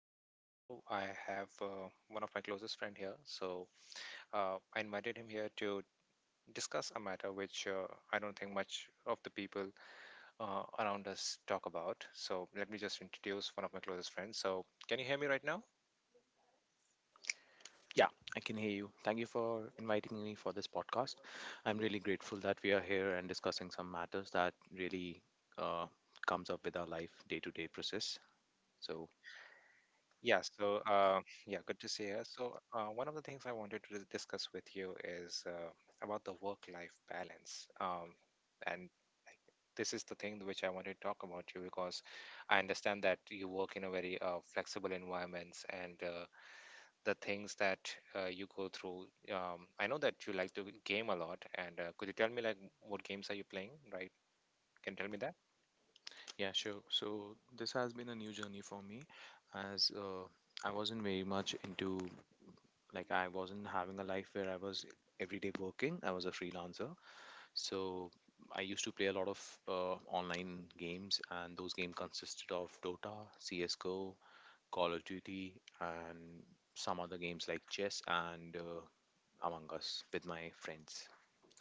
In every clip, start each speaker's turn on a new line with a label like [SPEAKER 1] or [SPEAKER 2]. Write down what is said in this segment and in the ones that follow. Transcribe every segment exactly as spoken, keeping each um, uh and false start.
[SPEAKER 1] to see you here. I have uh, one of my closest friend here, so uh, I invited him here to discuss a matter which uh, I don't think much of the people uh, around us talk about. So let me just introduce one of my closest friends. So can you hear me right now?
[SPEAKER 2] Yeah, I can hear you. Thank you for inviting me for this podcast.
[SPEAKER 1] Yeah.
[SPEAKER 2] I'm really grateful that we are here and discussing some matters that really uh, comes up with our life day-to-day process. So
[SPEAKER 1] Yeah, so uh, yeah, good to see you. So uh, one of the things I wanted to dis- discuss with you is uh, about the work-life balance. Um, and this is the thing which I want to talk about you because I understand that you work in a very uh, flexible environments and uh, the things that uh, you go through. Um, I know that you like to game a lot, and uh, could you tell me like what games are you playing, right? Can you tell me that?
[SPEAKER 2] yeah, sure. So this has been a new journey for me, as uh, I wasn't very much into like I wasn't having a life where I was everyday working. I was a freelancer, so I used to play a lot of uh, online games, and those games consisted of Dota, C S:GO, Call of Duty, and some other games like chess and uh, Among Us with my friends.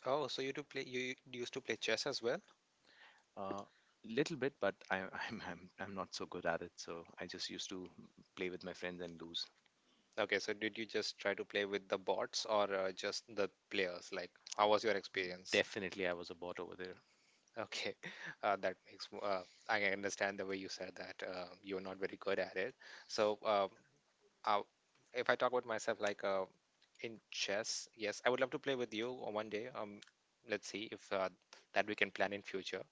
[SPEAKER 1] Oh, so you do play? You u- used to play chess as well?
[SPEAKER 2] Uh, Little bit, but I, I'm I'm I'm not so good at it. So I just used to play with my friends and lose.
[SPEAKER 1] Okay, so did you just try to play with the bots or uh, just the players? Like, how was your experience?
[SPEAKER 2] Definitely, I was a bot over there.
[SPEAKER 1] Okay, uh, that makes. mo- Uh, I understand the way you said that uh, you're not very good at it. So, um, uh, if I talk about myself, like uh, in chess, yes, I would love to play with you on one day. Um, let's see if uh, that we can plan in future.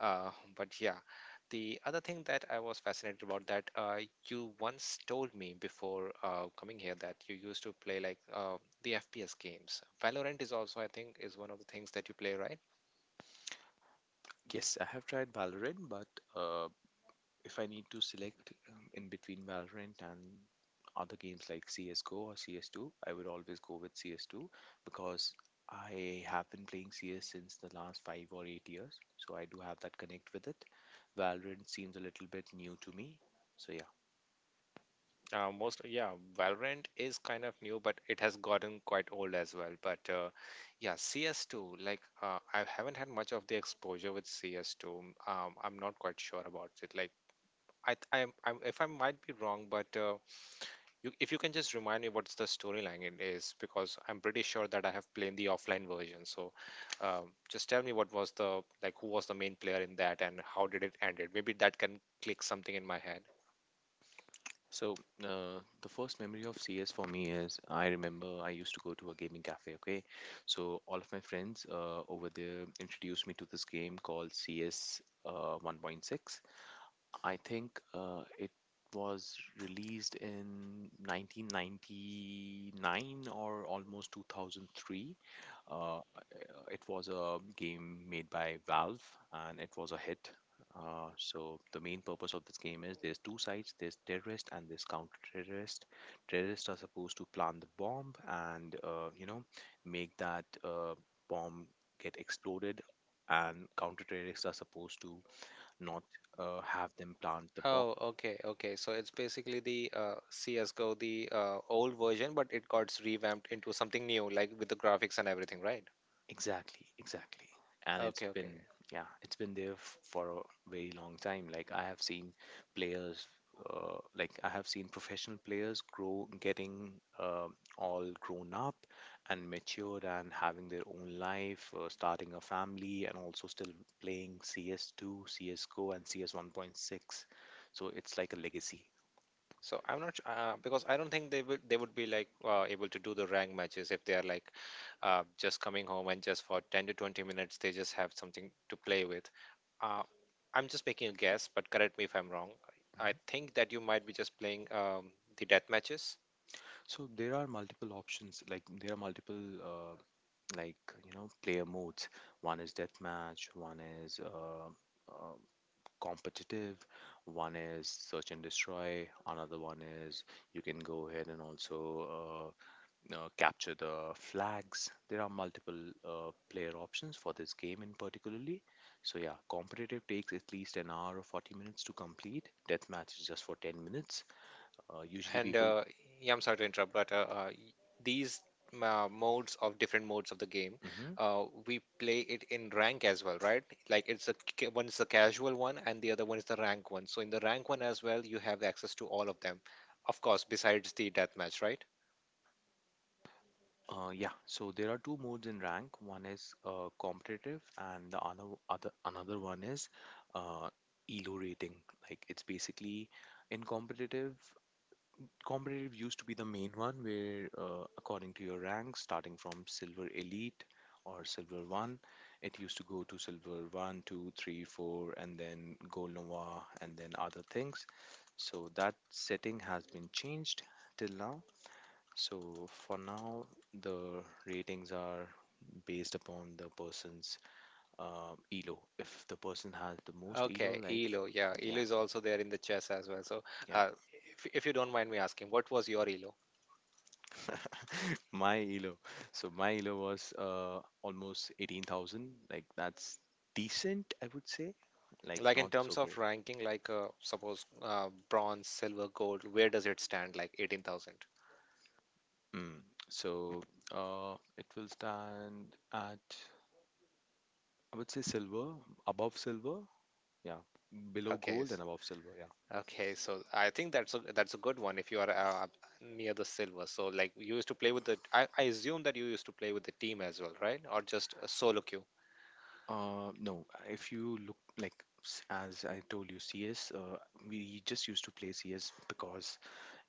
[SPEAKER 1] Uh, but yeah, the other thing that I was fascinated about that uh, you once told me before uh, coming here that you used to play like uh, the F P S games. Valorant is also, I think, is one of the things that you play, right?
[SPEAKER 2] Yes, I have tried Valorant, but uh, if I need to select um, in between Valorant and other games like C S:GO or C S two, I would always go with C S two because I have been playing C S since the last five or eight years, so I do have that connect with it. Valorant seems a little bit new to me, so yeah.
[SPEAKER 1] Uh, most yeah, Valorant is kind of new, but it has gotten quite old as well. But uh, yeah, C S two, like uh, I haven't had much of the exposure with C S two. Um, I'm not quite sure about it. Like I, th- I'm, I'm, if I might be wrong, but uh, you, if you can just remind me what's the storyline it is, because I'm pretty sure that I have played the offline version. So um, just tell me what was the like, who was the main player in that, and how did it end? It maybe that can click something in my head.
[SPEAKER 2] So uh, the first memory of C S for me is I remember I used to go to a gaming cafe. Okay, so all of my friends uh, over there introduced me to this game called C S uh, one point six. I think uh, it was released in nineteen ninety-nine or almost two thousand three. Uh, it was a game made by Valve and it was a hit. Uh, so the main purpose of this game is there's two sides. There's terrorist and there's counter terrorist. Terrorists are supposed to plant the bomb and uh, you know make that uh, bomb get exploded, and counter terrorists are supposed to not uh, have them plant the bomb.
[SPEAKER 1] Oh, okay, okay. So it's basically the uh, C S:G O, the uh, old version, but it got revamped into something new, like with the graphics and everything, right?
[SPEAKER 2] Exactly, exactly. And it's
[SPEAKER 1] Okay, okay.
[SPEAKER 2] been, yeah, it's been there f- for a very long time. Like I have seen players, uh, like I have seen professional players grow, getting uh, all grown up and matured and having their own life, uh, starting a family, and also still playing C S two, C S G O, and C S one.6. So it's like a legacy.
[SPEAKER 1] So I'm not su- uh, because I don't think they would they would be like uh, able to do the rank matches if they are like uh, just coming home and just for ten to twenty minutes they just have something to play with. Uh, I'm just making a guess, but correct me if I'm wrong. I I think that you might be just playing um, the death matches.
[SPEAKER 2] So there are multiple options, like there are multiple uh, like you know player modes. One is deathmatch, one is uh, uh, competitive, one is search and destroy, another one is you can go ahead and also uh, uh, capture the flags. There are multiple uh, player options for this game in particularly. So yeah, competitive takes at least an hour or forty minutes to complete. Deathmatch is just for ten minutes. Uh, usually
[SPEAKER 1] And
[SPEAKER 2] people.
[SPEAKER 1] uh, yeah, I'm sorry to interrupt, but uh, uh, y- these uh, modes of different modes of the game,
[SPEAKER 2] Hmm.
[SPEAKER 1] uh, we play it in rank as well, right? Like it's a ca- one is the casual one, and the other one is the rank one. So in the rank one as well, you have access to all of them, of course, besides the deathmatch, right?
[SPEAKER 2] Uh, yeah, so there are two modes in rank. One is uh, competitive, and the other other another one is uh, elo rating. Like it's basically in competitive. Competitive used to be the main one, where uh, according to your rank, starting from silver elite or silver one, it used to go to silver one, two, three, four, and then gold nova, and then other things. So that setting has been changed till now. So for now, the ratings are based upon the person's uh, elo. If the person has the most elo,
[SPEAKER 1] Okay,
[SPEAKER 2] like,
[SPEAKER 1] Elo, yeah, Elo
[SPEAKER 2] yeah,
[SPEAKER 1] is also there in the chess as well. So
[SPEAKER 2] yeah.
[SPEAKER 1] uh, if if you don't mind me asking, what was your Elo?
[SPEAKER 2] My elo. So my elo was uh, almost eighteen thousand. Like that's decent, I would say. Like
[SPEAKER 1] Like in
[SPEAKER 2] not so
[SPEAKER 1] terms of
[SPEAKER 2] great.
[SPEAKER 1] ranking, like uh, suppose uh, bronze, silver, gold, where does it stand? Like eighteen thousand.
[SPEAKER 2] Mm. So uh, it will stand at I would say silver, above silver, yeah, below
[SPEAKER 1] Okay.
[SPEAKER 2] gold and above silver, yeah.
[SPEAKER 1] Okay, so I think that's a that's a good one if you are uh, near the silver. So like you used to play with the I, I assume that you used to play with the team as well, right? Or just a solo queue.
[SPEAKER 2] Uh, no, if you look like s- as I told you, C S, uh, we just used to play C S because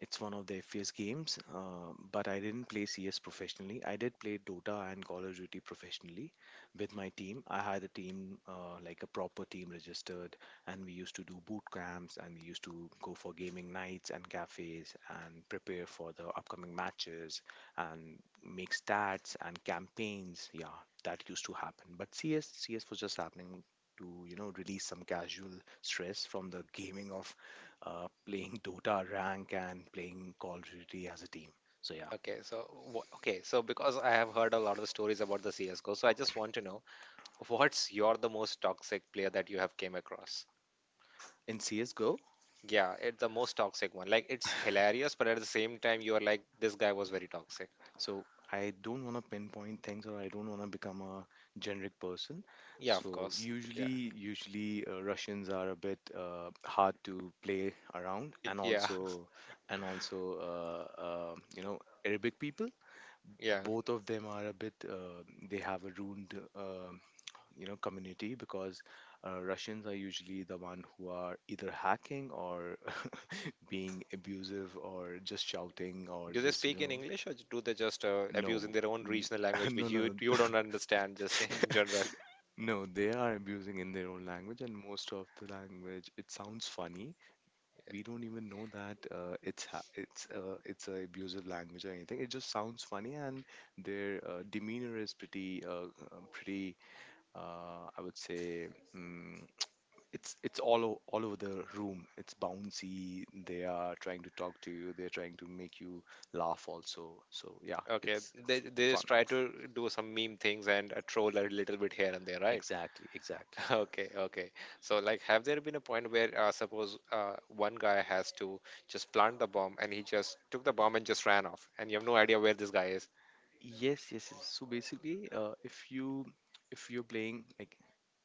[SPEAKER 2] it's one of the F P S games. Uh, but I didn't play C S professionally. I did play Dota and Call of Duty professionally with my team. I had a team, uh, like a proper team registered, and we used to do boot camps and we used to go for gaming nights and cafes and prepare for the upcoming matches and make stats and campaigns. Yeah, that used to happen. But C S, C S was just happening to you know release some casual stress from the gaming of uh, playing Dota rank and playing Call of Duty as a team. So yeah,
[SPEAKER 1] Okay, so wh- okay, so because I have heard a lot of the stories about the C S:G O, so I just want to know what's your the most toxic player that you have came across?
[SPEAKER 2] in C S:GO.
[SPEAKER 1] Yeah, it's the most toxic one. Like it's hilarious, but at the same time you are like this guy was very toxic.
[SPEAKER 2] So I don't want to pinpoint things or I don't want to become a generic person.
[SPEAKER 1] Yeah, of
[SPEAKER 2] So
[SPEAKER 1] course. Yeah.
[SPEAKER 2] usually, usually uh, Russians are a bit uh, hard to play around, and
[SPEAKER 1] Yeah.
[SPEAKER 2] also and also uh, uh, you know Arabic people.
[SPEAKER 1] Yeah.
[SPEAKER 2] Both of them are a bit uh, they have a ruined uh, you know community because uh, Russians are usually the one who are either hacking or being abusive or just shouting or
[SPEAKER 1] Do they
[SPEAKER 2] just you
[SPEAKER 1] speak in
[SPEAKER 2] know
[SPEAKER 1] English or do they just uh, abuse in
[SPEAKER 2] No,
[SPEAKER 1] their own
[SPEAKER 2] n-
[SPEAKER 1] regional language, which
[SPEAKER 2] no, no,
[SPEAKER 1] you
[SPEAKER 2] no,
[SPEAKER 1] you don't understand just in general?
[SPEAKER 2] no, they are abusing in their own language, and most of the language it sounds funny. We don't even know that uh, it's ha- it's uh, it's a abusive language or anything. It just sounds funny, and their uh, demeanor is pretty uh, uh, pretty. Uh, I would say um, it's it's all o- all over the room. It's bouncy. They are trying to talk to you. They're trying to make you laugh also. So yeah,
[SPEAKER 1] Okay,
[SPEAKER 2] it's
[SPEAKER 1] they
[SPEAKER 2] it's it's
[SPEAKER 1] they
[SPEAKER 2] fun.
[SPEAKER 1] just try to do some meme things and uh, troll a little bit here and there, right?
[SPEAKER 2] Exactly, exactly.
[SPEAKER 1] Okay, okay. So like, have there been a point where uh, suppose uh, one guy has to just plant the bomb and he just took the bomb and just ran off, and you have no idea where this guy is?
[SPEAKER 2] Yes, yes, yes. So basically, uh, if you if you're playing like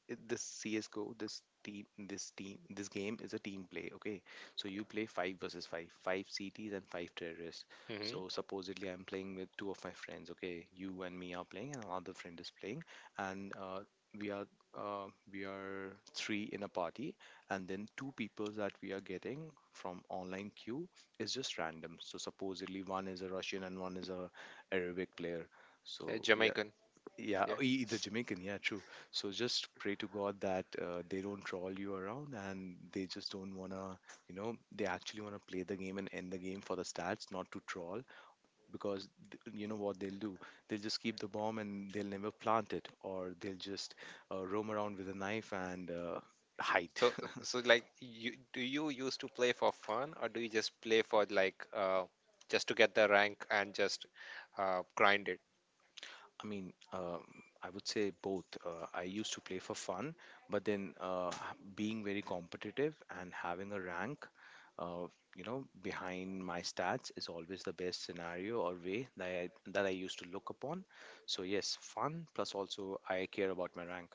[SPEAKER 2] it- this C S:GO, this team, this team, this game is a team play. Okay, so you play five versus five, five C Ts and five terrorists. So
[SPEAKER 1] Mm-hmm.
[SPEAKER 2] supposedly I'm playing with two of my friends. Okay, you and me are playing, and another friend is playing, and uh, we are uh, we are three in a party, and then two people that we are getting from online queue is just random. So supposedly one is a Russian and one is a Arabic player.
[SPEAKER 1] Uh,
[SPEAKER 2] So yeah,
[SPEAKER 1] Jamaican,
[SPEAKER 2] yeah, uh,
[SPEAKER 1] yeah.
[SPEAKER 2] e- the Jamaican, yeah, true. So just pray to God that uh, they don't troll you around and they just don't wanna, you know, they actually wanna play the game and end the game for the stats, not to troll, because th- you know what they'll do? They'll just keep the bomb and they'll never plant it, or they'll just uh, roam around with a knife and uh, hide.
[SPEAKER 1] So, so like, you do you used to play for fun, or do you just play for like, uh, just to get the rank and just uh, grind it?
[SPEAKER 2] I mean, um, I would say both. Uh, I used to play for fun, but then uh, h- being very competitive and having a rank, uh, you know, behind my stats is always the best scenario or way that I, that I used to look upon. So yes, fun plus also I care about my rank.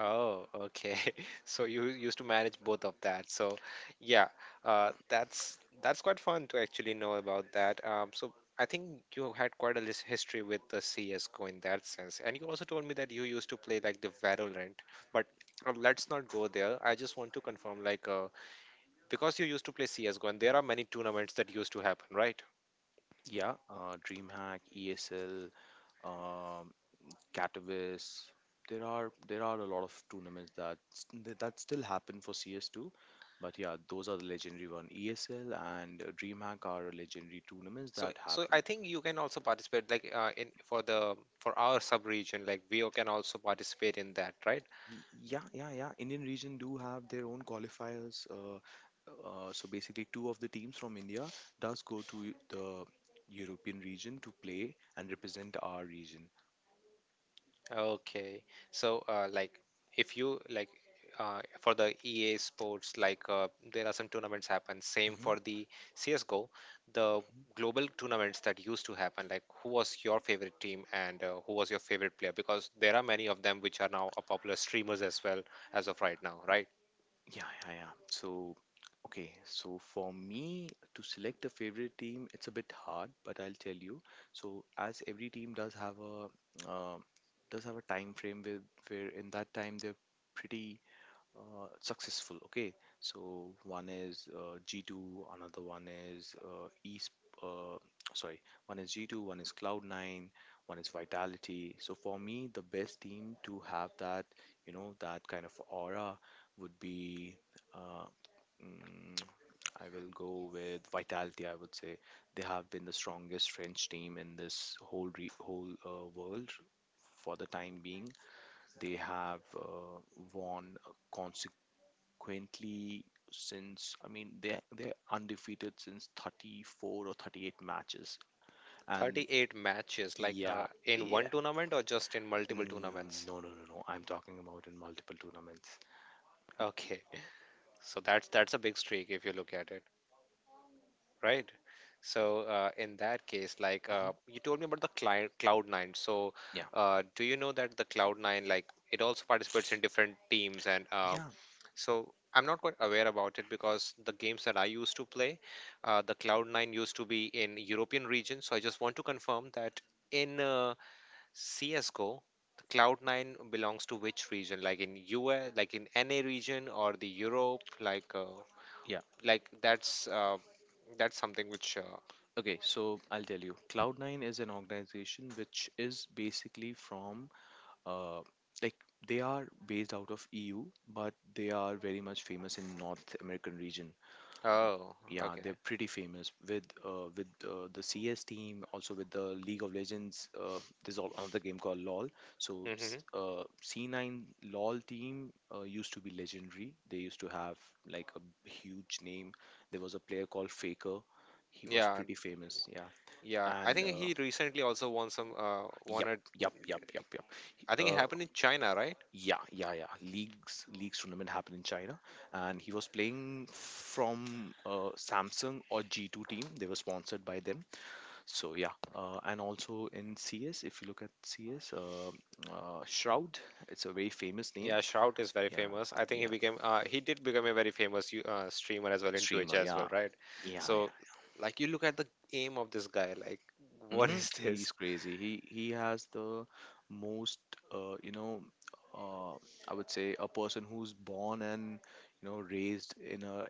[SPEAKER 1] Oh, okay. So you used to manage both of that. So, yeah, uh, that's that's quite fun to actually know about that. Um, so I think you had quite a lis- history with the C S:G O in that sense, and you also told me that you used to play like the Valorant, but uh, let's not go there. I just want to confirm, like, uh, because you used to play C S:G O and there are many tournaments that used to happen, right?
[SPEAKER 2] Yeah, uh, DreamHack, E S L, um, Catavis. There are there are a lot of tournaments that st- that still happen for C S two, but yeah, those are the legendary one. E S L and uh, DreamHack are legendary tournaments
[SPEAKER 1] So
[SPEAKER 2] that
[SPEAKER 1] so
[SPEAKER 2] happen.
[SPEAKER 1] I think you can also participate like uh, in for the for our sub region like V O can also participate in that, right?
[SPEAKER 2] Y- Yeah, yeah, yeah. Indian region do have their own qualifiers. Uh, uh, so basically, two of the teams from India does go to Eu- the European region to play and represent our region.
[SPEAKER 1] Okay. So uh, like if you like uh, for the E A sports like uh, there are some tournaments happen same
[SPEAKER 2] Hmm.
[SPEAKER 1] for the C S:G O the global tournaments that used to happen like who was your favorite team and uh, who was your favorite player because there are many of them which are now a popular streamers as well as of right now, right?
[SPEAKER 2] Yeah, yeah, yeah. So, okay. So for me to select a favorite team, it's a bit hard, but I'll tell you. So as every team does have a uh, does have a time frame where where in that time they're pretty uh, successful. Okay, so one is uh, G two, another one is uh, East. Uh, Sorry, one is G two, one is Cloud nine, one is Vitality. So for me, the best team to have that, you know, that kind of aura would be. Uh, mm, I will go with Vitality. I would say they have been the strongest French team in this whole re- whole uh, world for the time being. They have uh, won uh, Quintly since I mean they they're undefeated since thirty-four or thirty-eight matches, and
[SPEAKER 1] thirty-eight matches like uh,
[SPEAKER 2] yeah,
[SPEAKER 1] in
[SPEAKER 2] yeah.
[SPEAKER 1] one tournament or just in multiple
[SPEAKER 2] Mm,
[SPEAKER 1] tournaments?
[SPEAKER 2] no, no, no, no, I'm talking about in multiple tournaments.
[SPEAKER 1] Okay. So that's that's a big streak if you look at it, right? So uh, in that case, like uh,
[SPEAKER 2] Hmm,
[SPEAKER 1] you told me about the cli Cloud Nine. So
[SPEAKER 2] yeah,
[SPEAKER 1] uh, do you know that the Cloud Nine, like it also participates in different teams, and uh,
[SPEAKER 2] yeah,
[SPEAKER 1] so I'm not quite aware about it because the games that I used to play, uh, the Cloud Nine used to be in European region. So I just want to confirm that in uh, C S G O, the cloud nine belongs to which region? Like in U S, like in N A region or the Europe? Like, uh,
[SPEAKER 2] yeah,
[SPEAKER 1] like that's uh, that's something which. Uh,
[SPEAKER 2] okay, so I'll tell you Cloud nine is an organization which is basically from uh like they are based out of E U, but they are very much famous in North American region.
[SPEAKER 1] oh,
[SPEAKER 2] Yeah,
[SPEAKER 1] okay.
[SPEAKER 2] they're pretty famous with uh, with uh, the C S team, also with the League of Legends. Uh, there's all another game called LoL. So s-
[SPEAKER 1] Mm-hmm.
[SPEAKER 2] uh, C nine LoL team uh, used to be legendary. They used to have like a b- huge name. There was a player called Faker. He was
[SPEAKER 1] Yeah,
[SPEAKER 2] pretty famous. Yeah,
[SPEAKER 1] yeah. I
[SPEAKER 2] and
[SPEAKER 1] think
[SPEAKER 2] uh,
[SPEAKER 1] he recently also won some. Uh, won
[SPEAKER 2] yep,
[SPEAKER 1] a.
[SPEAKER 2] yep, yep, yep, yep.
[SPEAKER 1] I think it
[SPEAKER 2] Uh,
[SPEAKER 1] happened in China, right?
[SPEAKER 2] yeah, yeah, yeah. Leagues leagues tournament happened in China, and he was playing from uh, Samsung or G two team. They were sponsored by them. So yeah, uh, and also in C S, if you look at C S, uh, uh, Shroud, it's a very famous name.
[SPEAKER 1] Yeah, Shroud is very
[SPEAKER 2] Yeah,
[SPEAKER 1] famous. I think he
[SPEAKER 2] yeah,
[SPEAKER 1] became. Uh, he did become a very famous you- uh, streamer as well in Twitch
[SPEAKER 2] streamer.
[SPEAKER 1] as
[SPEAKER 2] Yeah,
[SPEAKER 1] well, right?
[SPEAKER 2] yeah, yeah.
[SPEAKER 1] So, like, you look at the aim of this guy. Like, what
[SPEAKER 2] Mm-hmm.
[SPEAKER 1] is this?
[SPEAKER 2] He's crazy. He he has the most, uh, you know, uh, I would say, a person who's born and you know raised in a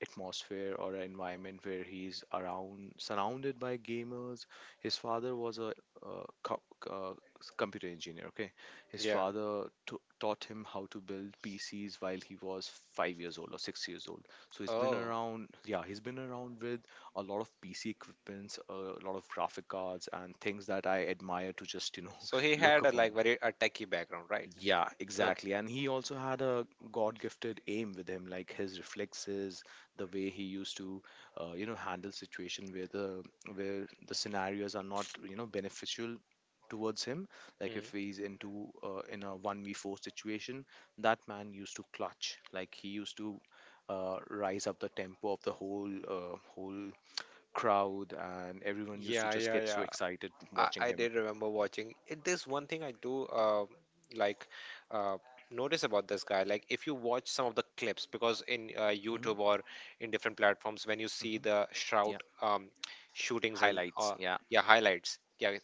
[SPEAKER 2] atmosphere or an environment where he's around surrounded by gamers. His father was a uh, co- uh, computer engineer, okay. His
[SPEAKER 1] Yeah.
[SPEAKER 2] father t- taught him how to build PCs while he was five years old or six years old. So he's been
[SPEAKER 1] Oh.
[SPEAKER 2] around, yeah, he's been around with a lot of PC equipments, a lot of graphic cards and things that I admire to just you know
[SPEAKER 1] So he
[SPEAKER 2] look
[SPEAKER 1] had a
[SPEAKER 2] upon.
[SPEAKER 1] like very a techie background, right?
[SPEAKER 2] Yeah,
[SPEAKER 1] Okay.
[SPEAKER 2] exactly. And he also had a God-gifted aim with him, like his reflexes, the way he used to, uh, you know, handle situation where the where the scenarios are not, you know, beneficial towards him. Like
[SPEAKER 1] Hmm.
[SPEAKER 2] if he's into uh, in a one v four situation, that man used to clutch. Like he used to, uh, rise up the tempo of the whole uh, whole crowd, and everyone used to
[SPEAKER 1] Yeah,
[SPEAKER 2] just
[SPEAKER 1] yeah,
[SPEAKER 2] get so
[SPEAKER 1] yeah.
[SPEAKER 2] excited
[SPEAKER 1] I,
[SPEAKER 2] watching
[SPEAKER 1] I
[SPEAKER 2] him.
[SPEAKER 1] did remember watching. It, there's one thing I do uh, like uh, notice about this guy. Like if you watch some of the clips, because in uh,
[SPEAKER 2] Hmm.
[SPEAKER 1] YouTube or in different platforms, when you see
[SPEAKER 2] Hmm.
[SPEAKER 1] the Shroud
[SPEAKER 2] Yeah,
[SPEAKER 1] um, shootings and
[SPEAKER 2] highlights.
[SPEAKER 1] uh,
[SPEAKER 2] Yeah.
[SPEAKER 1] yeah highlights. Yeah,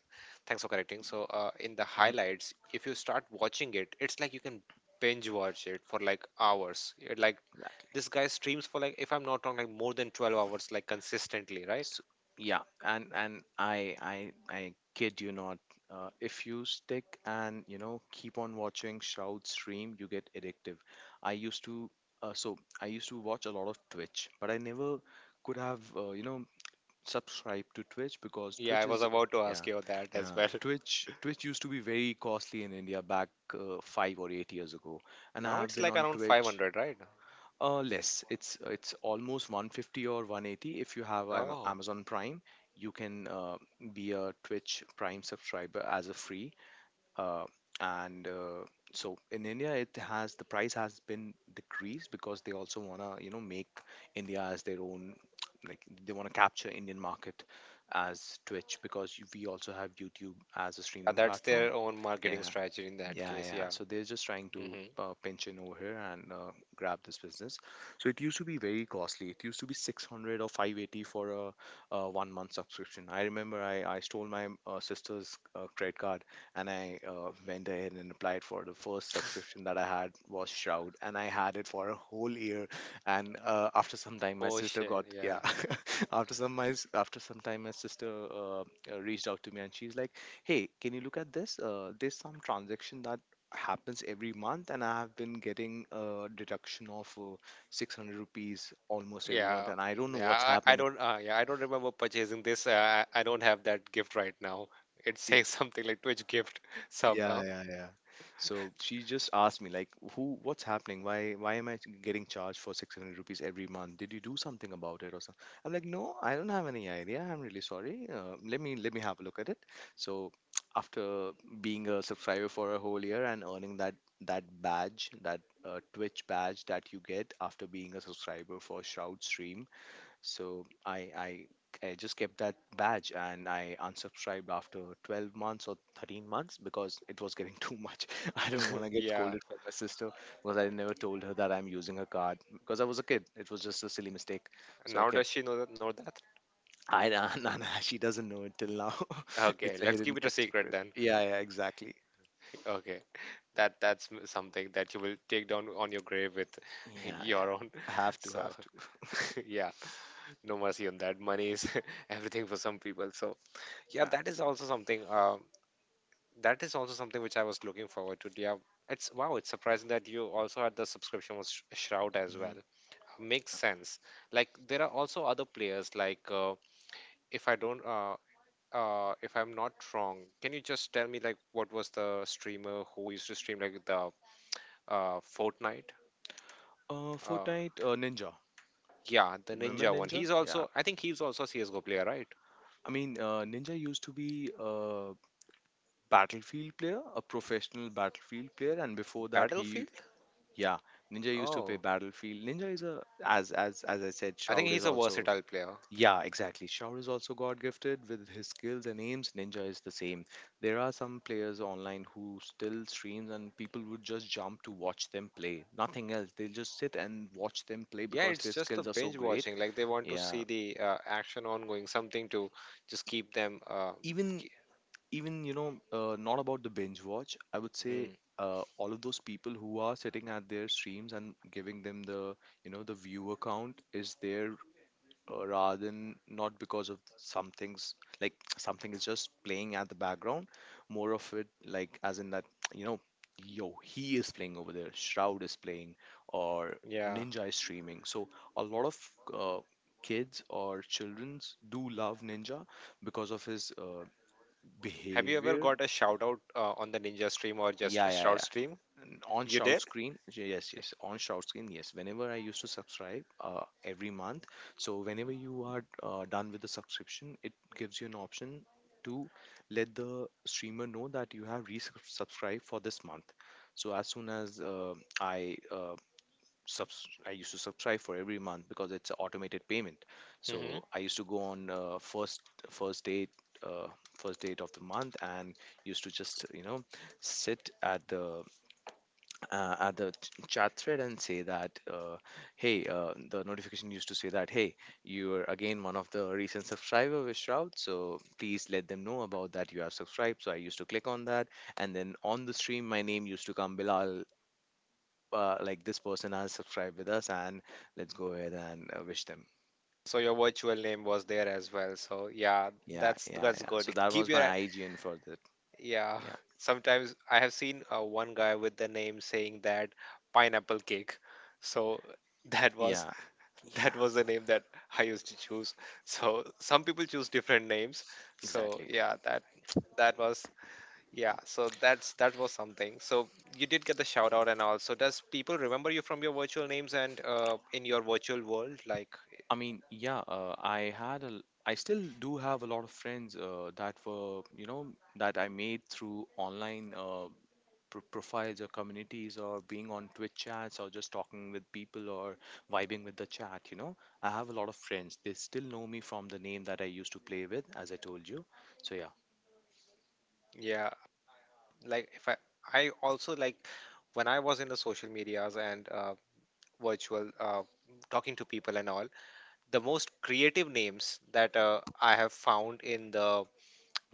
[SPEAKER 1] thanks for correcting. So uh, in the
[SPEAKER 2] Mm-hmm.
[SPEAKER 1] highlights, if you start watching it, it's like you can binge watch it for like hours. It, like
[SPEAKER 2] Exactly.
[SPEAKER 1] this guy streams for like if I'm not wrong, like more than twelve hours, like consistently, right?
[SPEAKER 2] So, yeah, and and I I I kid you not. Uh, if you stick and you know keep on watching Shroud stream, you get addictive. I used to uh, So I used to watch a lot of Twitch, but I never could have, uh, you know subscribed to Twitch because
[SPEAKER 1] Yeah,
[SPEAKER 2] Twitch
[SPEAKER 1] I was
[SPEAKER 2] is...
[SPEAKER 1] about to
[SPEAKER 2] yeah,
[SPEAKER 1] ask you that as
[SPEAKER 2] yeah,
[SPEAKER 1] well.
[SPEAKER 2] Twitch Twitch used to be very costly in India back, uh, five or eight years ago, and
[SPEAKER 1] Now
[SPEAKER 2] I have
[SPEAKER 1] it's
[SPEAKER 2] been
[SPEAKER 1] like
[SPEAKER 2] on
[SPEAKER 1] around
[SPEAKER 2] Twitch.
[SPEAKER 1] five hundred, right?
[SPEAKER 2] Uh, less. It's it's almost one fifty or one eighty if you have Am-
[SPEAKER 1] Oh,
[SPEAKER 2] Amazon Prime. You can, uh, be a Twitch Prime subscriber as a free. Uh, and uh, So in India, it has the price has been decreased because they also wanna you know make India as their own, like they wanna capture Indian market as Twitch because we also have YouTube as a
[SPEAKER 1] uh,
[SPEAKER 2] streaming
[SPEAKER 1] that's
[SPEAKER 2] platform.
[SPEAKER 1] their own marketing
[SPEAKER 2] Yeah.
[SPEAKER 1] strategy in that
[SPEAKER 2] Yeah,
[SPEAKER 1] case.
[SPEAKER 2] yeah.
[SPEAKER 1] Yeah.
[SPEAKER 2] So they're just trying to,
[SPEAKER 1] Hmm.
[SPEAKER 2] uh, pinch in over here and, uh, grab this business. So it used to be very costly. It used to be six hundred or five eighty for a, uh, one month subscription. I remember, I, I stole my, uh, sister's, uh, credit card, and I, uh, went ahead and applied for the first subscription that I had was Shroud, and I had it for a whole year. And, uh, after some time, my
[SPEAKER 1] Oh
[SPEAKER 2] sister
[SPEAKER 1] shit.
[SPEAKER 2] got. Yeah.
[SPEAKER 1] Yeah.
[SPEAKER 2] After some my s- after some time, my sister, uh, uh, reached out to me, and she's like, "Hey, can you look at this? Uh, there's some transaction that happens every month, and I have been getting a deduction of, uh, six hundred rupees almost every month,
[SPEAKER 1] Yeah.
[SPEAKER 2] and I don't know
[SPEAKER 1] Yeah.
[SPEAKER 2] what's
[SPEAKER 1] I, I
[SPEAKER 2] happening."
[SPEAKER 1] don't. Uh, yeah. I don't remember purchasing this. Uh, I, I don't have that gift right now. It
[SPEAKER 2] Yeah,
[SPEAKER 1] says something like Twitch gift sub.
[SPEAKER 2] yeah,
[SPEAKER 1] Huh?
[SPEAKER 2] yeah, yeah. So she just asked me like, "Who? What's happening? Why? Why am I getting charged for six hundred rupees every month? Did you do something about it or something?" I'm like, "No, I don't have any idea. I'm really sorry. Uh, let me let me have a look at it." So after being a subscriber for a whole year and earning that that badge, that, uh, Twitch badge that you get after being a subscriber for Shroud Stream, so I, I I just kept that badge and I unsubscribed after twelve months or thirteen months because it was getting too much. I didn't want to get
[SPEAKER 1] Yeah.
[SPEAKER 2] scolded from my sister because I never told her that I'm using her card because I was a kid. It was just a silly mistake. So I
[SPEAKER 1] Now
[SPEAKER 2] kept
[SPEAKER 1] does she know that? Know that?
[SPEAKER 2] I nah, nah, she doesn't know it till now.
[SPEAKER 1] Okay.
[SPEAKER 2] It's a
[SPEAKER 1] Let's keep
[SPEAKER 2] hidden
[SPEAKER 1] it a
[SPEAKER 2] kept
[SPEAKER 1] secret
[SPEAKER 2] secret.
[SPEAKER 1] then.
[SPEAKER 2] Yeah, yeah, exactly.
[SPEAKER 1] Okay. That that's m- something that you will take down on your grave with
[SPEAKER 2] Yeah, yeah.
[SPEAKER 1] your own.
[SPEAKER 2] Have to,
[SPEAKER 1] So
[SPEAKER 2] have to.
[SPEAKER 1] yeah. No mercy on that money is everything for some people, so yeah,
[SPEAKER 2] Yeah.
[SPEAKER 1] that is also something, um that is also something which I was looking forward to, yeah. It's wow, it's surprising that you also had the subscription with Sh- shroud as
[SPEAKER 2] Mhm.
[SPEAKER 1] well. Makes sense. Like there are also other players like uh, if i don't uh, uh, if I'm not wrong, can you just tell me like what was the streamer who used to stream like the uh, Fortnite?
[SPEAKER 2] Uh,
[SPEAKER 1] Uh,
[SPEAKER 2] Fortnite, uh, Ninja.
[SPEAKER 1] yeah, the
[SPEAKER 2] Remember
[SPEAKER 1] Ninja one.
[SPEAKER 2] Ninja?
[SPEAKER 1] He's
[SPEAKER 2] Yeah.
[SPEAKER 1] also, I think he's also a C S:G O player, right?
[SPEAKER 2] I mean, uh, Ninja used to be, uh, Battlefield player, a professional Battlefield player, and before that he...
[SPEAKER 1] Battlefield?
[SPEAKER 2] yeah, Ninja used to play
[SPEAKER 1] Oh,
[SPEAKER 2] Battlefield. Ninja is a as as as I said,
[SPEAKER 1] I think
[SPEAKER 2] Shroud is
[SPEAKER 1] he's a
[SPEAKER 2] also...
[SPEAKER 1] versatile player.
[SPEAKER 2] yeah, exactly. Shroud is also God gifted with his skills and aims. Ninja is the same. There are some players online who still streams and people would just jump to watch them play. Nothing else. They'll just sit and watch them play
[SPEAKER 1] Yeah,
[SPEAKER 2] because
[SPEAKER 1] it's
[SPEAKER 2] their
[SPEAKER 1] just the
[SPEAKER 2] skills are so
[SPEAKER 1] binge
[SPEAKER 2] great.
[SPEAKER 1] watching. Like they want to
[SPEAKER 2] Yeah.
[SPEAKER 1] see the uh, action ongoing, something to just keep them. Uh,
[SPEAKER 2] Even
[SPEAKER 1] ke-
[SPEAKER 2] even you know uh, not about the binge watch, I would say,
[SPEAKER 1] Hmm.
[SPEAKER 2] uh, all of those people who are sitting at their streams and giving them the, you know the viewer count is there, uh, rather than not because of some things, like something is just playing at the background, more of it, like as in that, you know yo, he is playing over there, Shroud is playing, or
[SPEAKER 1] Yeah.
[SPEAKER 2] Ninja is streaming. So a lot of, uh, kids or children do love Ninja because of his, uh,
[SPEAKER 1] Have you ever
[SPEAKER 2] behavior.
[SPEAKER 1] got a shout out uh, on the Ninja stream or just
[SPEAKER 2] Yeah,
[SPEAKER 1] a
[SPEAKER 2] yeah,
[SPEAKER 1] shout
[SPEAKER 2] yeah.
[SPEAKER 1] stream?
[SPEAKER 2] And on
[SPEAKER 1] You
[SPEAKER 2] shout
[SPEAKER 1] did?
[SPEAKER 2] screen, y- yes, yes. On shout screen, yes. Whenever I used to subscribe, uh, every month, so whenever you are, uh, done with the subscription, it gives you an option to let the streamer know that you have resubscribed for this month. So as soon as, uh, I, uh, subs I used to subscribe for every month because it's an automated payment.
[SPEAKER 1] Hmm.
[SPEAKER 2] So I used to go on, uh, first first date uh, first date of the month, and used to just, you know sit at the, uh, at the ch- chat thread and say that, uh, hey, uh, the notification used to say that, "Hey, you're again one of the recent subscriber with Shroud, so please let them know about that you have subscribed." So I used to click on that, and then on the stream, my name used to come, Bilal, uh, like this person has subscribed with us, and let's go ahead and, uh, wish them.
[SPEAKER 1] So your virtual name was there as well. So yeah,
[SPEAKER 2] Yeah,
[SPEAKER 1] that's
[SPEAKER 2] yeah,
[SPEAKER 1] that's
[SPEAKER 2] yeah. So
[SPEAKER 1] good.
[SPEAKER 2] that
[SPEAKER 1] Keep
[SPEAKER 2] was my
[SPEAKER 1] your
[SPEAKER 2] I G N for that.
[SPEAKER 1] yeah.
[SPEAKER 2] Yeah,
[SPEAKER 1] Sometimes I have seen uh, one guy with the name saying that pineapple cake. So that was
[SPEAKER 2] yeah, yeah,
[SPEAKER 1] that was the name that I used to choose. So some people choose different names. So
[SPEAKER 2] exactly.
[SPEAKER 1] yeah, that that was yeah. So that's that was something. So you did get the shout out and all. So does people remember you from your virtual names and uh, in your virtual world? Like
[SPEAKER 2] I mean, yeah, uh, I had a, l- I still do have a lot of friends, uh, that were, you know, that I made through online, uh, pro profiles or communities or being on Twitch chats or just talking with people or vibing with the chat, you know. I have a lot of friends. They still know me from the name that I used to play with, as I told you. So yeah,
[SPEAKER 1] yeah, like if I I also like when I was in the social medias and uh, virtual uh, talking to people and all, the most creative names that uh, I have found in the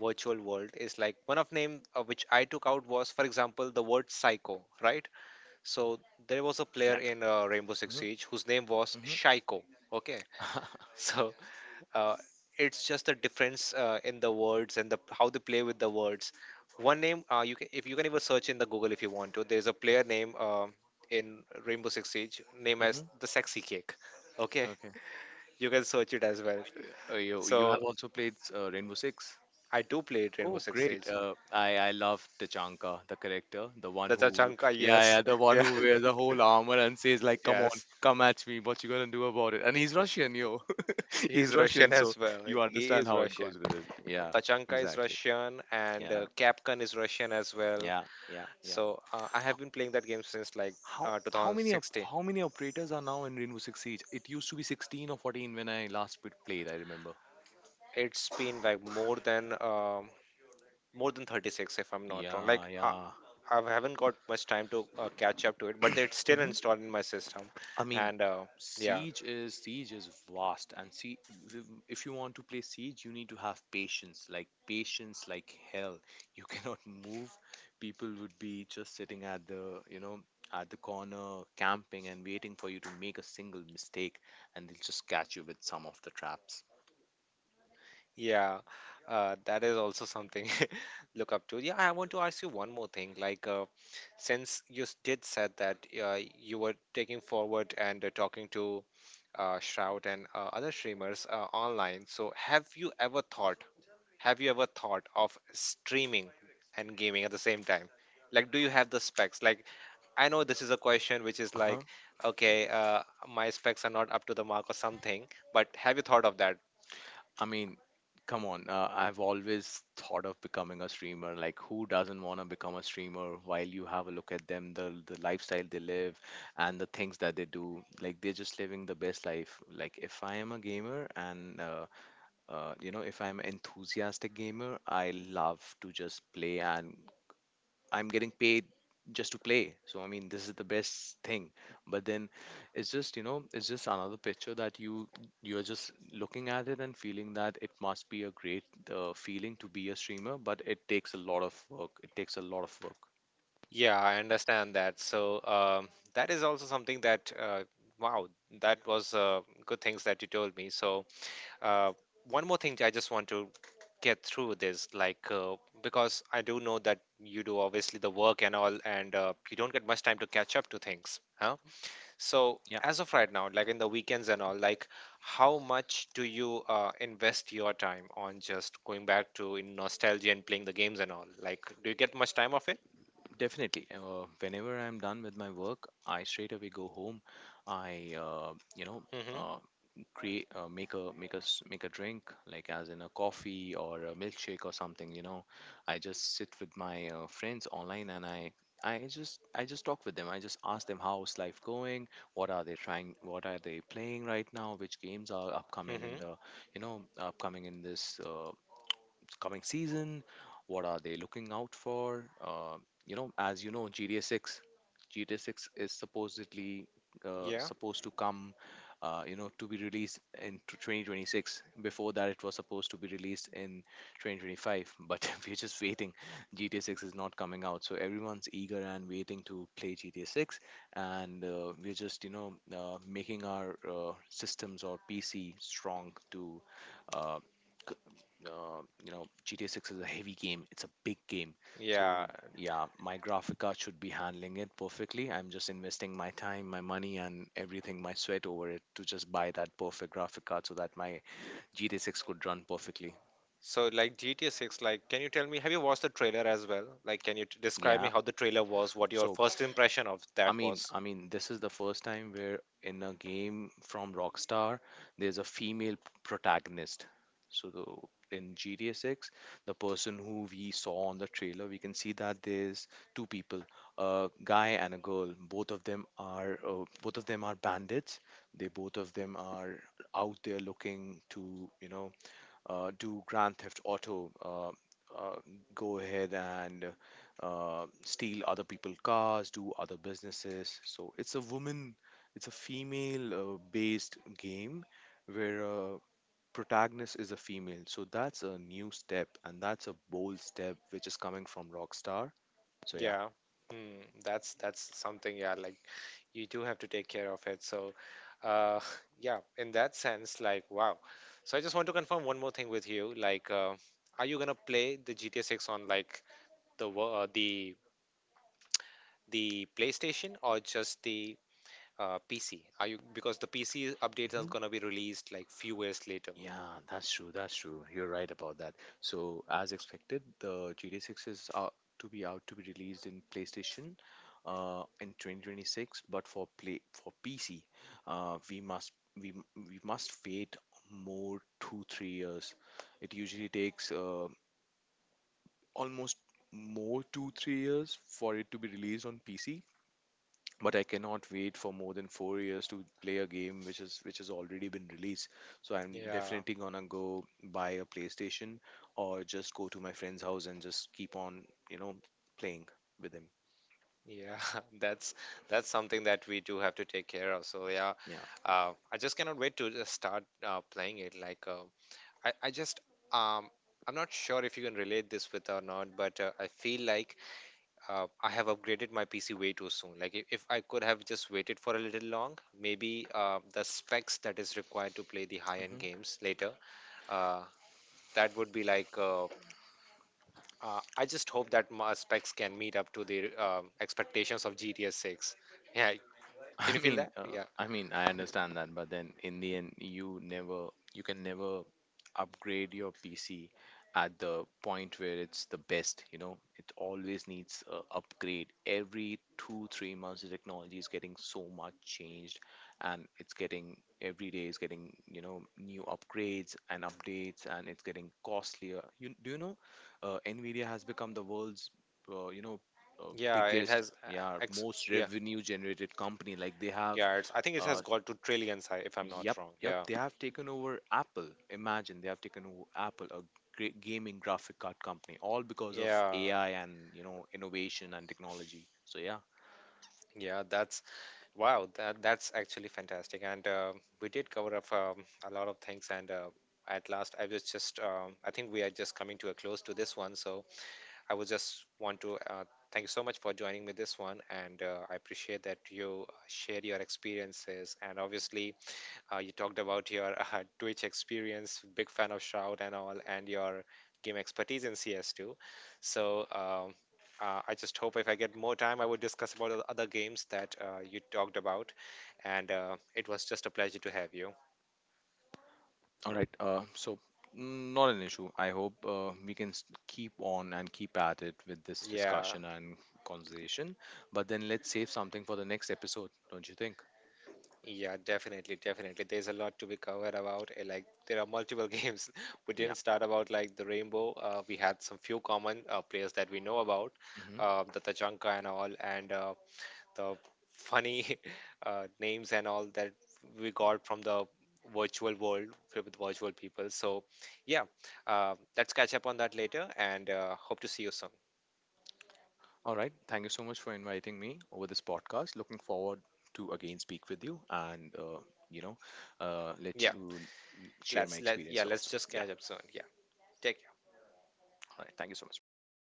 [SPEAKER 1] virtual world is like one of name uh, which I took out was, for example, the word psycho, right? So there was a
[SPEAKER 2] yeah.
[SPEAKER 1] player in uh, Rainbow Six
[SPEAKER 2] Hmm.
[SPEAKER 1] Siege whose name was
[SPEAKER 2] Hmm.
[SPEAKER 1] Shaiko. Okay.
[SPEAKER 2] Hmm.
[SPEAKER 1] So uh, it's just the difference uh, in the words and the how they play with the words. One name uh, you can, if you can even search in the Google if you want to, there's a player name uh, in Rainbow Six Siege named as the Sexy Cake. Okay,
[SPEAKER 2] Okay.
[SPEAKER 1] you can search it as well.
[SPEAKER 2] Y- Uh, you you have
[SPEAKER 1] So
[SPEAKER 2] also played, uh, Rainbow Six?
[SPEAKER 1] I do play Rainbow
[SPEAKER 2] Oh,
[SPEAKER 1] Six
[SPEAKER 2] great.
[SPEAKER 1] Siege.
[SPEAKER 2] Uh, I I love Tachanka, the character, the one
[SPEAKER 1] The
[SPEAKER 2] who...
[SPEAKER 1] Chachanka,
[SPEAKER 2] yeah,
[SPEAKER 1] yes.
[SPEAKER 2] yeah, the one
[SPEAKER 1] Yeah.
[SPEAKER 2] who wears the whole armor and says like, "Come on,
[SPEAKER 1] Yes,
[SPEAKER 2] come at me. What you gonna do about it?" And he's Russian, yo.
[SPEAKER 1] he's
[SPEAKER 2] He's Russian,
[SPEAKER 1] Russian as
[SPEAKER 2] so
[SPEAKER 1] well.
[SPEAKER 2] you
[SPEAKER 1] He
[SPEAKER 2] understand
[SPEAKER 1] is
[SPEAKER 2] how it goes
[SPEAKER 1] Russian.
[SPEAKER 2] with it. Yeah,
[SPEAKER 1] Tachanka is
[SPEAKER 2] exactly.
[SPEAKER 1] Russian, and
[SPEAKER 2] Yeah,
[SPEAKER 1] uh, Capcom is Russian as well.
[SPEAKER 2] yeah, yeah, yeah.
[SPEAKER 1] So uh, I
[SPEAKER 2] How
[SPEAKER 1] have been playing that game since like
[SPEAKER 2] how,
[SPEAKER 1] uh,
[SPEAKER 2] how many op-
[SPEAKER 1] two thousand sixteen.
[SPEAKER 2] how many operators are now in Rainbow Six Siege? It used to be sixteen or fourteen when I last put- played. I remember.
[SPEAKER 1] It's been like more than um, more than thirty-six, if I'm not wrong.
[SPEAKER 2] Yeah,
[SPEAKER 1] Like I,
[SPEAKER 2] yeah.
[SPEAKER 1] I haven't got much time to uh, catch up to it, but it's still installed in my system.
[SPEAKER 2] I mean,
[SPEAKER 1] And uh, yeah,
[SPEAKER 2] siege is siege is vast, and see, if you want to play siege, you need to have patience, like patience, like hell. You cannot move. People would be just sitting at the, you know, at the corner camping and waiting for you to make a single mistake, and they'll just catch you with some of the traps.
[SPEAKER 1] yeah, uh, that is also something look up to. Yeah, I want to ask you one more thing. Like. Uh, since you s- did said that uh, you were taking forward and uh, talking to uh, Shroud and uh, other streamers uh, online, so have you ever thought, have you ever thought of streaming and gaming at the same time? Like, do you have the specs? Like, I know this is a question which is like, okay, uh, my specs are not up to the mark or something, but have you thought of that?
[SPEAKER 2] I mean, come on. Uh, I've always thought of becoming a streamer. Like, who doesn't want to become a streamer while you have a look at them, the, the lifestyle they live and the things that they do? Like, they're just living the best life. Like, if I am a gamer and, uh, uh, you know, if I'm an enthusiastic gamer, I love to just play and I'm getting paid just to play. So I mean, this is the best thing. But then it's just, you know, it's just another picture that you you're just looking at it and feeling that it must be a great, uh, feeling to be a streamer, but it takes a lot of work. It takes a lot of work.
[SPEAKER 1] Yeah, I understand that. So um, that is also something that, uh, wow, that was uh, good things that you told me. So Uh, one more thing I just want to get through this, like uh, because I do know that you do obviously the work and all, and uh, you don't get much time to catch up to things, huh? So
[SPEAKER 2] Yeah.
[SPEAKER 1] as of right now, like in the weekends and all, like how much do you uh, invest your time on just going back to in nostalgia and playing the games and all? Like, do you get much time of it?
[SPEAKER 2] Definitely. Uh, whenever I'm done with my work, I straight away go home. I, uh, you know,
[SPEAKER 1] Mm-hmm.
[SPEAKER 2] uh, create uh, make a make a s- make a drink, like as in a coffee or a milkshake or something. You know, I just sit with my, uh, friends online and I. I just I just talk with them. I just ask them how's life going, what are they trying, what are they playing right now, which games are upcoming in
[SPEAKER 1] Mm-hmm.
[SPEAKER 2] the you know upcoming in this, uh, coming season? What are they looking out for? Uh, you know, as you know, G T A six, G T A six is supposedly, uh,
[SPEAKER 1] Yeah.
[SPEAKER 2] supposed to come, uh, you know, to be released in t- twenty twenty-six. Before that, it was supposed to be released in twenty twenty-five, but we're just waiting. G T A six is not coming out, so everyone's eager and waiting to play G T A six, and, uh, we're just, you know, uh, making our, uh, systems or P C strong to. Uh, uh, you know G T A six is a heavy game. It's a big game. So
[SPEAKER 1] Yeah.
[SPEAKER 2] yeah, my graphic card should be handling it perfectly. I'm just investing my time, my money, and everything, my sweat over it to just buy that perfect graphic card so that my G T A six could run perfectly.
[SPEAKER 1] So, like G T A six, like, can you tell me, have you watched the trailer as well? Like, can you t describe me
[SPEAKER 2] Yeah,
[SPEAKER 1] how the trailer was, what your
[SPEAKER 2] so
[SPEAKER 1] first impression of
[SPEAKER 2] I
[SPEAKER 1] that
[SPEAKER 2] mean,
[SPEAKER 1] was?
[SPEAKER 2] I mean, this is the first time where, in a game from Rockstar, there's a female protagonist. So the, in G T A six, the person who we saw on the trailer, we can see that there's two people, a guy and a girl. Both of them are uh, both of them are bandits. They Both of them are out there looking to, you know, uh, do Grand Theft Auto, uh, uh, go ahead and, uh, steal other people's cars, do other businesses. So it's a woman, it's a female-based game where a protagonist is a female. So that's a new step, and that's a bold step which is coming from Rockstar. So yeah.
[SPEAKER 1] Yeah. Hmm, that's that's something, yeah, like you do have to take care of it. So, uh, yeah, in that sense, like, wow. So I just want to confirm one more thing with you. Like, uh, are you gonna play the G T A six on like the wo- uh, the the PlayStation or just the uh, P C? Are you because the P C update is
[SPEAKER 2] Mm-hmm.
[SPEAKER 1] gonna be released like few years later.
[SPEAKER 2] Yeah, that's true. That's true. You're right about that. So, as expected, the G T A six is out to be out to be released in PlayStation, uh, in twenty twenty-six, but for play for P C, uh, we must we m- we must wait more two three years. It usually takes, uh, almost more two three years for it to be released on P C, but I cannot wait for more than four years to play a game which is which has already been released. So I'm
[SPEAKER 1] Yeah,
[SPEAKER 2] definitely gonna go buy a PlayStation, or just go to my friend's house and just keep on, you know, playing with him.
[SPEAKER 1] yeah, that's that's something that we do have to take care of. So yeah,
[SPEAKER 2] Yeah.
[SPEAKER 1] uh, I just cannot wait to just start uh, playing it. Like uh, I, I just um, I'm not sure if you can relate this with or not, but uh, I feel like uh, I have upgraded my P C way too soon. Like if, if I could have just waited for a little long, maybe uh, the specs that is required to play the high-end
[SPEAKER 2] Hmm.
[SPEAKER 1] games later, uh, that would be like uh, Uh, I just hope that my specs can meet up to the um, expectations of G T S six. Yeah, can
[SPEAKER 2] I
[SPEAKER 1] you feel
[SPEAKER 2] mean,
[SPEAKER 1] that?
[SPEAKER 2] uh,
[SPEAKER 1] Yeah,
[SPEAKER 2] I mean, I understand that, but then in the end, you never, you can never upgrade your P C at the point where it's the best. You know, it always needs a upgrade. Every two, three months, the technology is getting so much changed, and it's getting every day is getting, you know new upgrades and updates, and it's getting costlier. You do you know, uh, Nvidia has become the world's, uh, you know uh,
[SPEAKER 1] yeah, it
[SPEAKER 2] biggest,
[SPEAKER 1] has. Uh,
[SPEAKER 2] yeah,
[SPEAKER 1] ex-
[SPEAKER 2] most
[SPEAKER 1] yeah,
[SPEAKER 2] revenue generated company, like they have,
[SPEAKER 1] yeah, it's. I think it has
[SPEAKER 2] uh
[SPEAKER 1] got to trillions, I- if I'm not
[SPEAKER 2] yep
[SPEAKER 1] wrong.
[SPEAKER 2] yep
[SPEAKER 1] Yeah,
[SPEAKER 2] they have taken over Apple. Imagine they have taken over Apple, a great gaming graphic card company, all because of
[SPEAKER 1] yeah,
[SPEAKER 2] AI and, you know innovation and technology. So yeah.
[SPEAKER 1] yeah. That's wow. That that's actually fantastic, and um we did cover up um, a lot of things. And uh, at last, I was just. Um, I think we are just coming to a close to this one. So I would just want to uh, thank you so much for joining me this one, and uh, I appreciate that you uh, shared your experiences. And obviously, uh, you talked about your uh, Twitch experience, big fan of Shroud and all, and your game expertise in C S two. So um, uh, I just hope if I get more time, I would discuss about the other games that uh, you talked about. And uh, it was just a pleasure to have you.
[SPEAKER 2] All right, uh so, mm, not an issue. I hope, uh, we can, s- keep on and keep at it with this
[SPEAKER 1] Yeah.
[SPEAKER 2] discussion and conversation, but then let's save something for the next episode, don't you think?
[SPEAKER 1] Yeah, definitely, definitely. There's a lot to be covered about. Eh, like there are multiple games. We
[SPEAKER 2] Yeah.
[SPEAKER 1] didn't start about like the Rainbow. Uh, we had some few common uh, players that we know about,
[SPEAKER 2] Hmm.
[SPEAKER 1] uh, the Tachanka and all, and uh, the funny uh, names and all that we got from the virtual world filled with virtual people. So yeah, uh, let's catch up on that later, and uh, hope to see you soon.
[SPEAKER 2] All right. Thank you so much for inviting me over this podcast. Looking forward to again speak with you and, uh, you know uh, let you
[SPEAKER 1] Yeah,
[SPEAKER 2] n- share my
[SPEAKER 1] let's let
[SPEAKER 2] experience
[SPEAKER 1] yeah let's
[SPEAKER 2] also.
[SPEAKER 1] just
[SPEAKER 2] Yeah.
[SPEAKER 1] catch up soon. Yeah, take care.
[SPEAKER 2] All right. Thank you so much. Bye bye.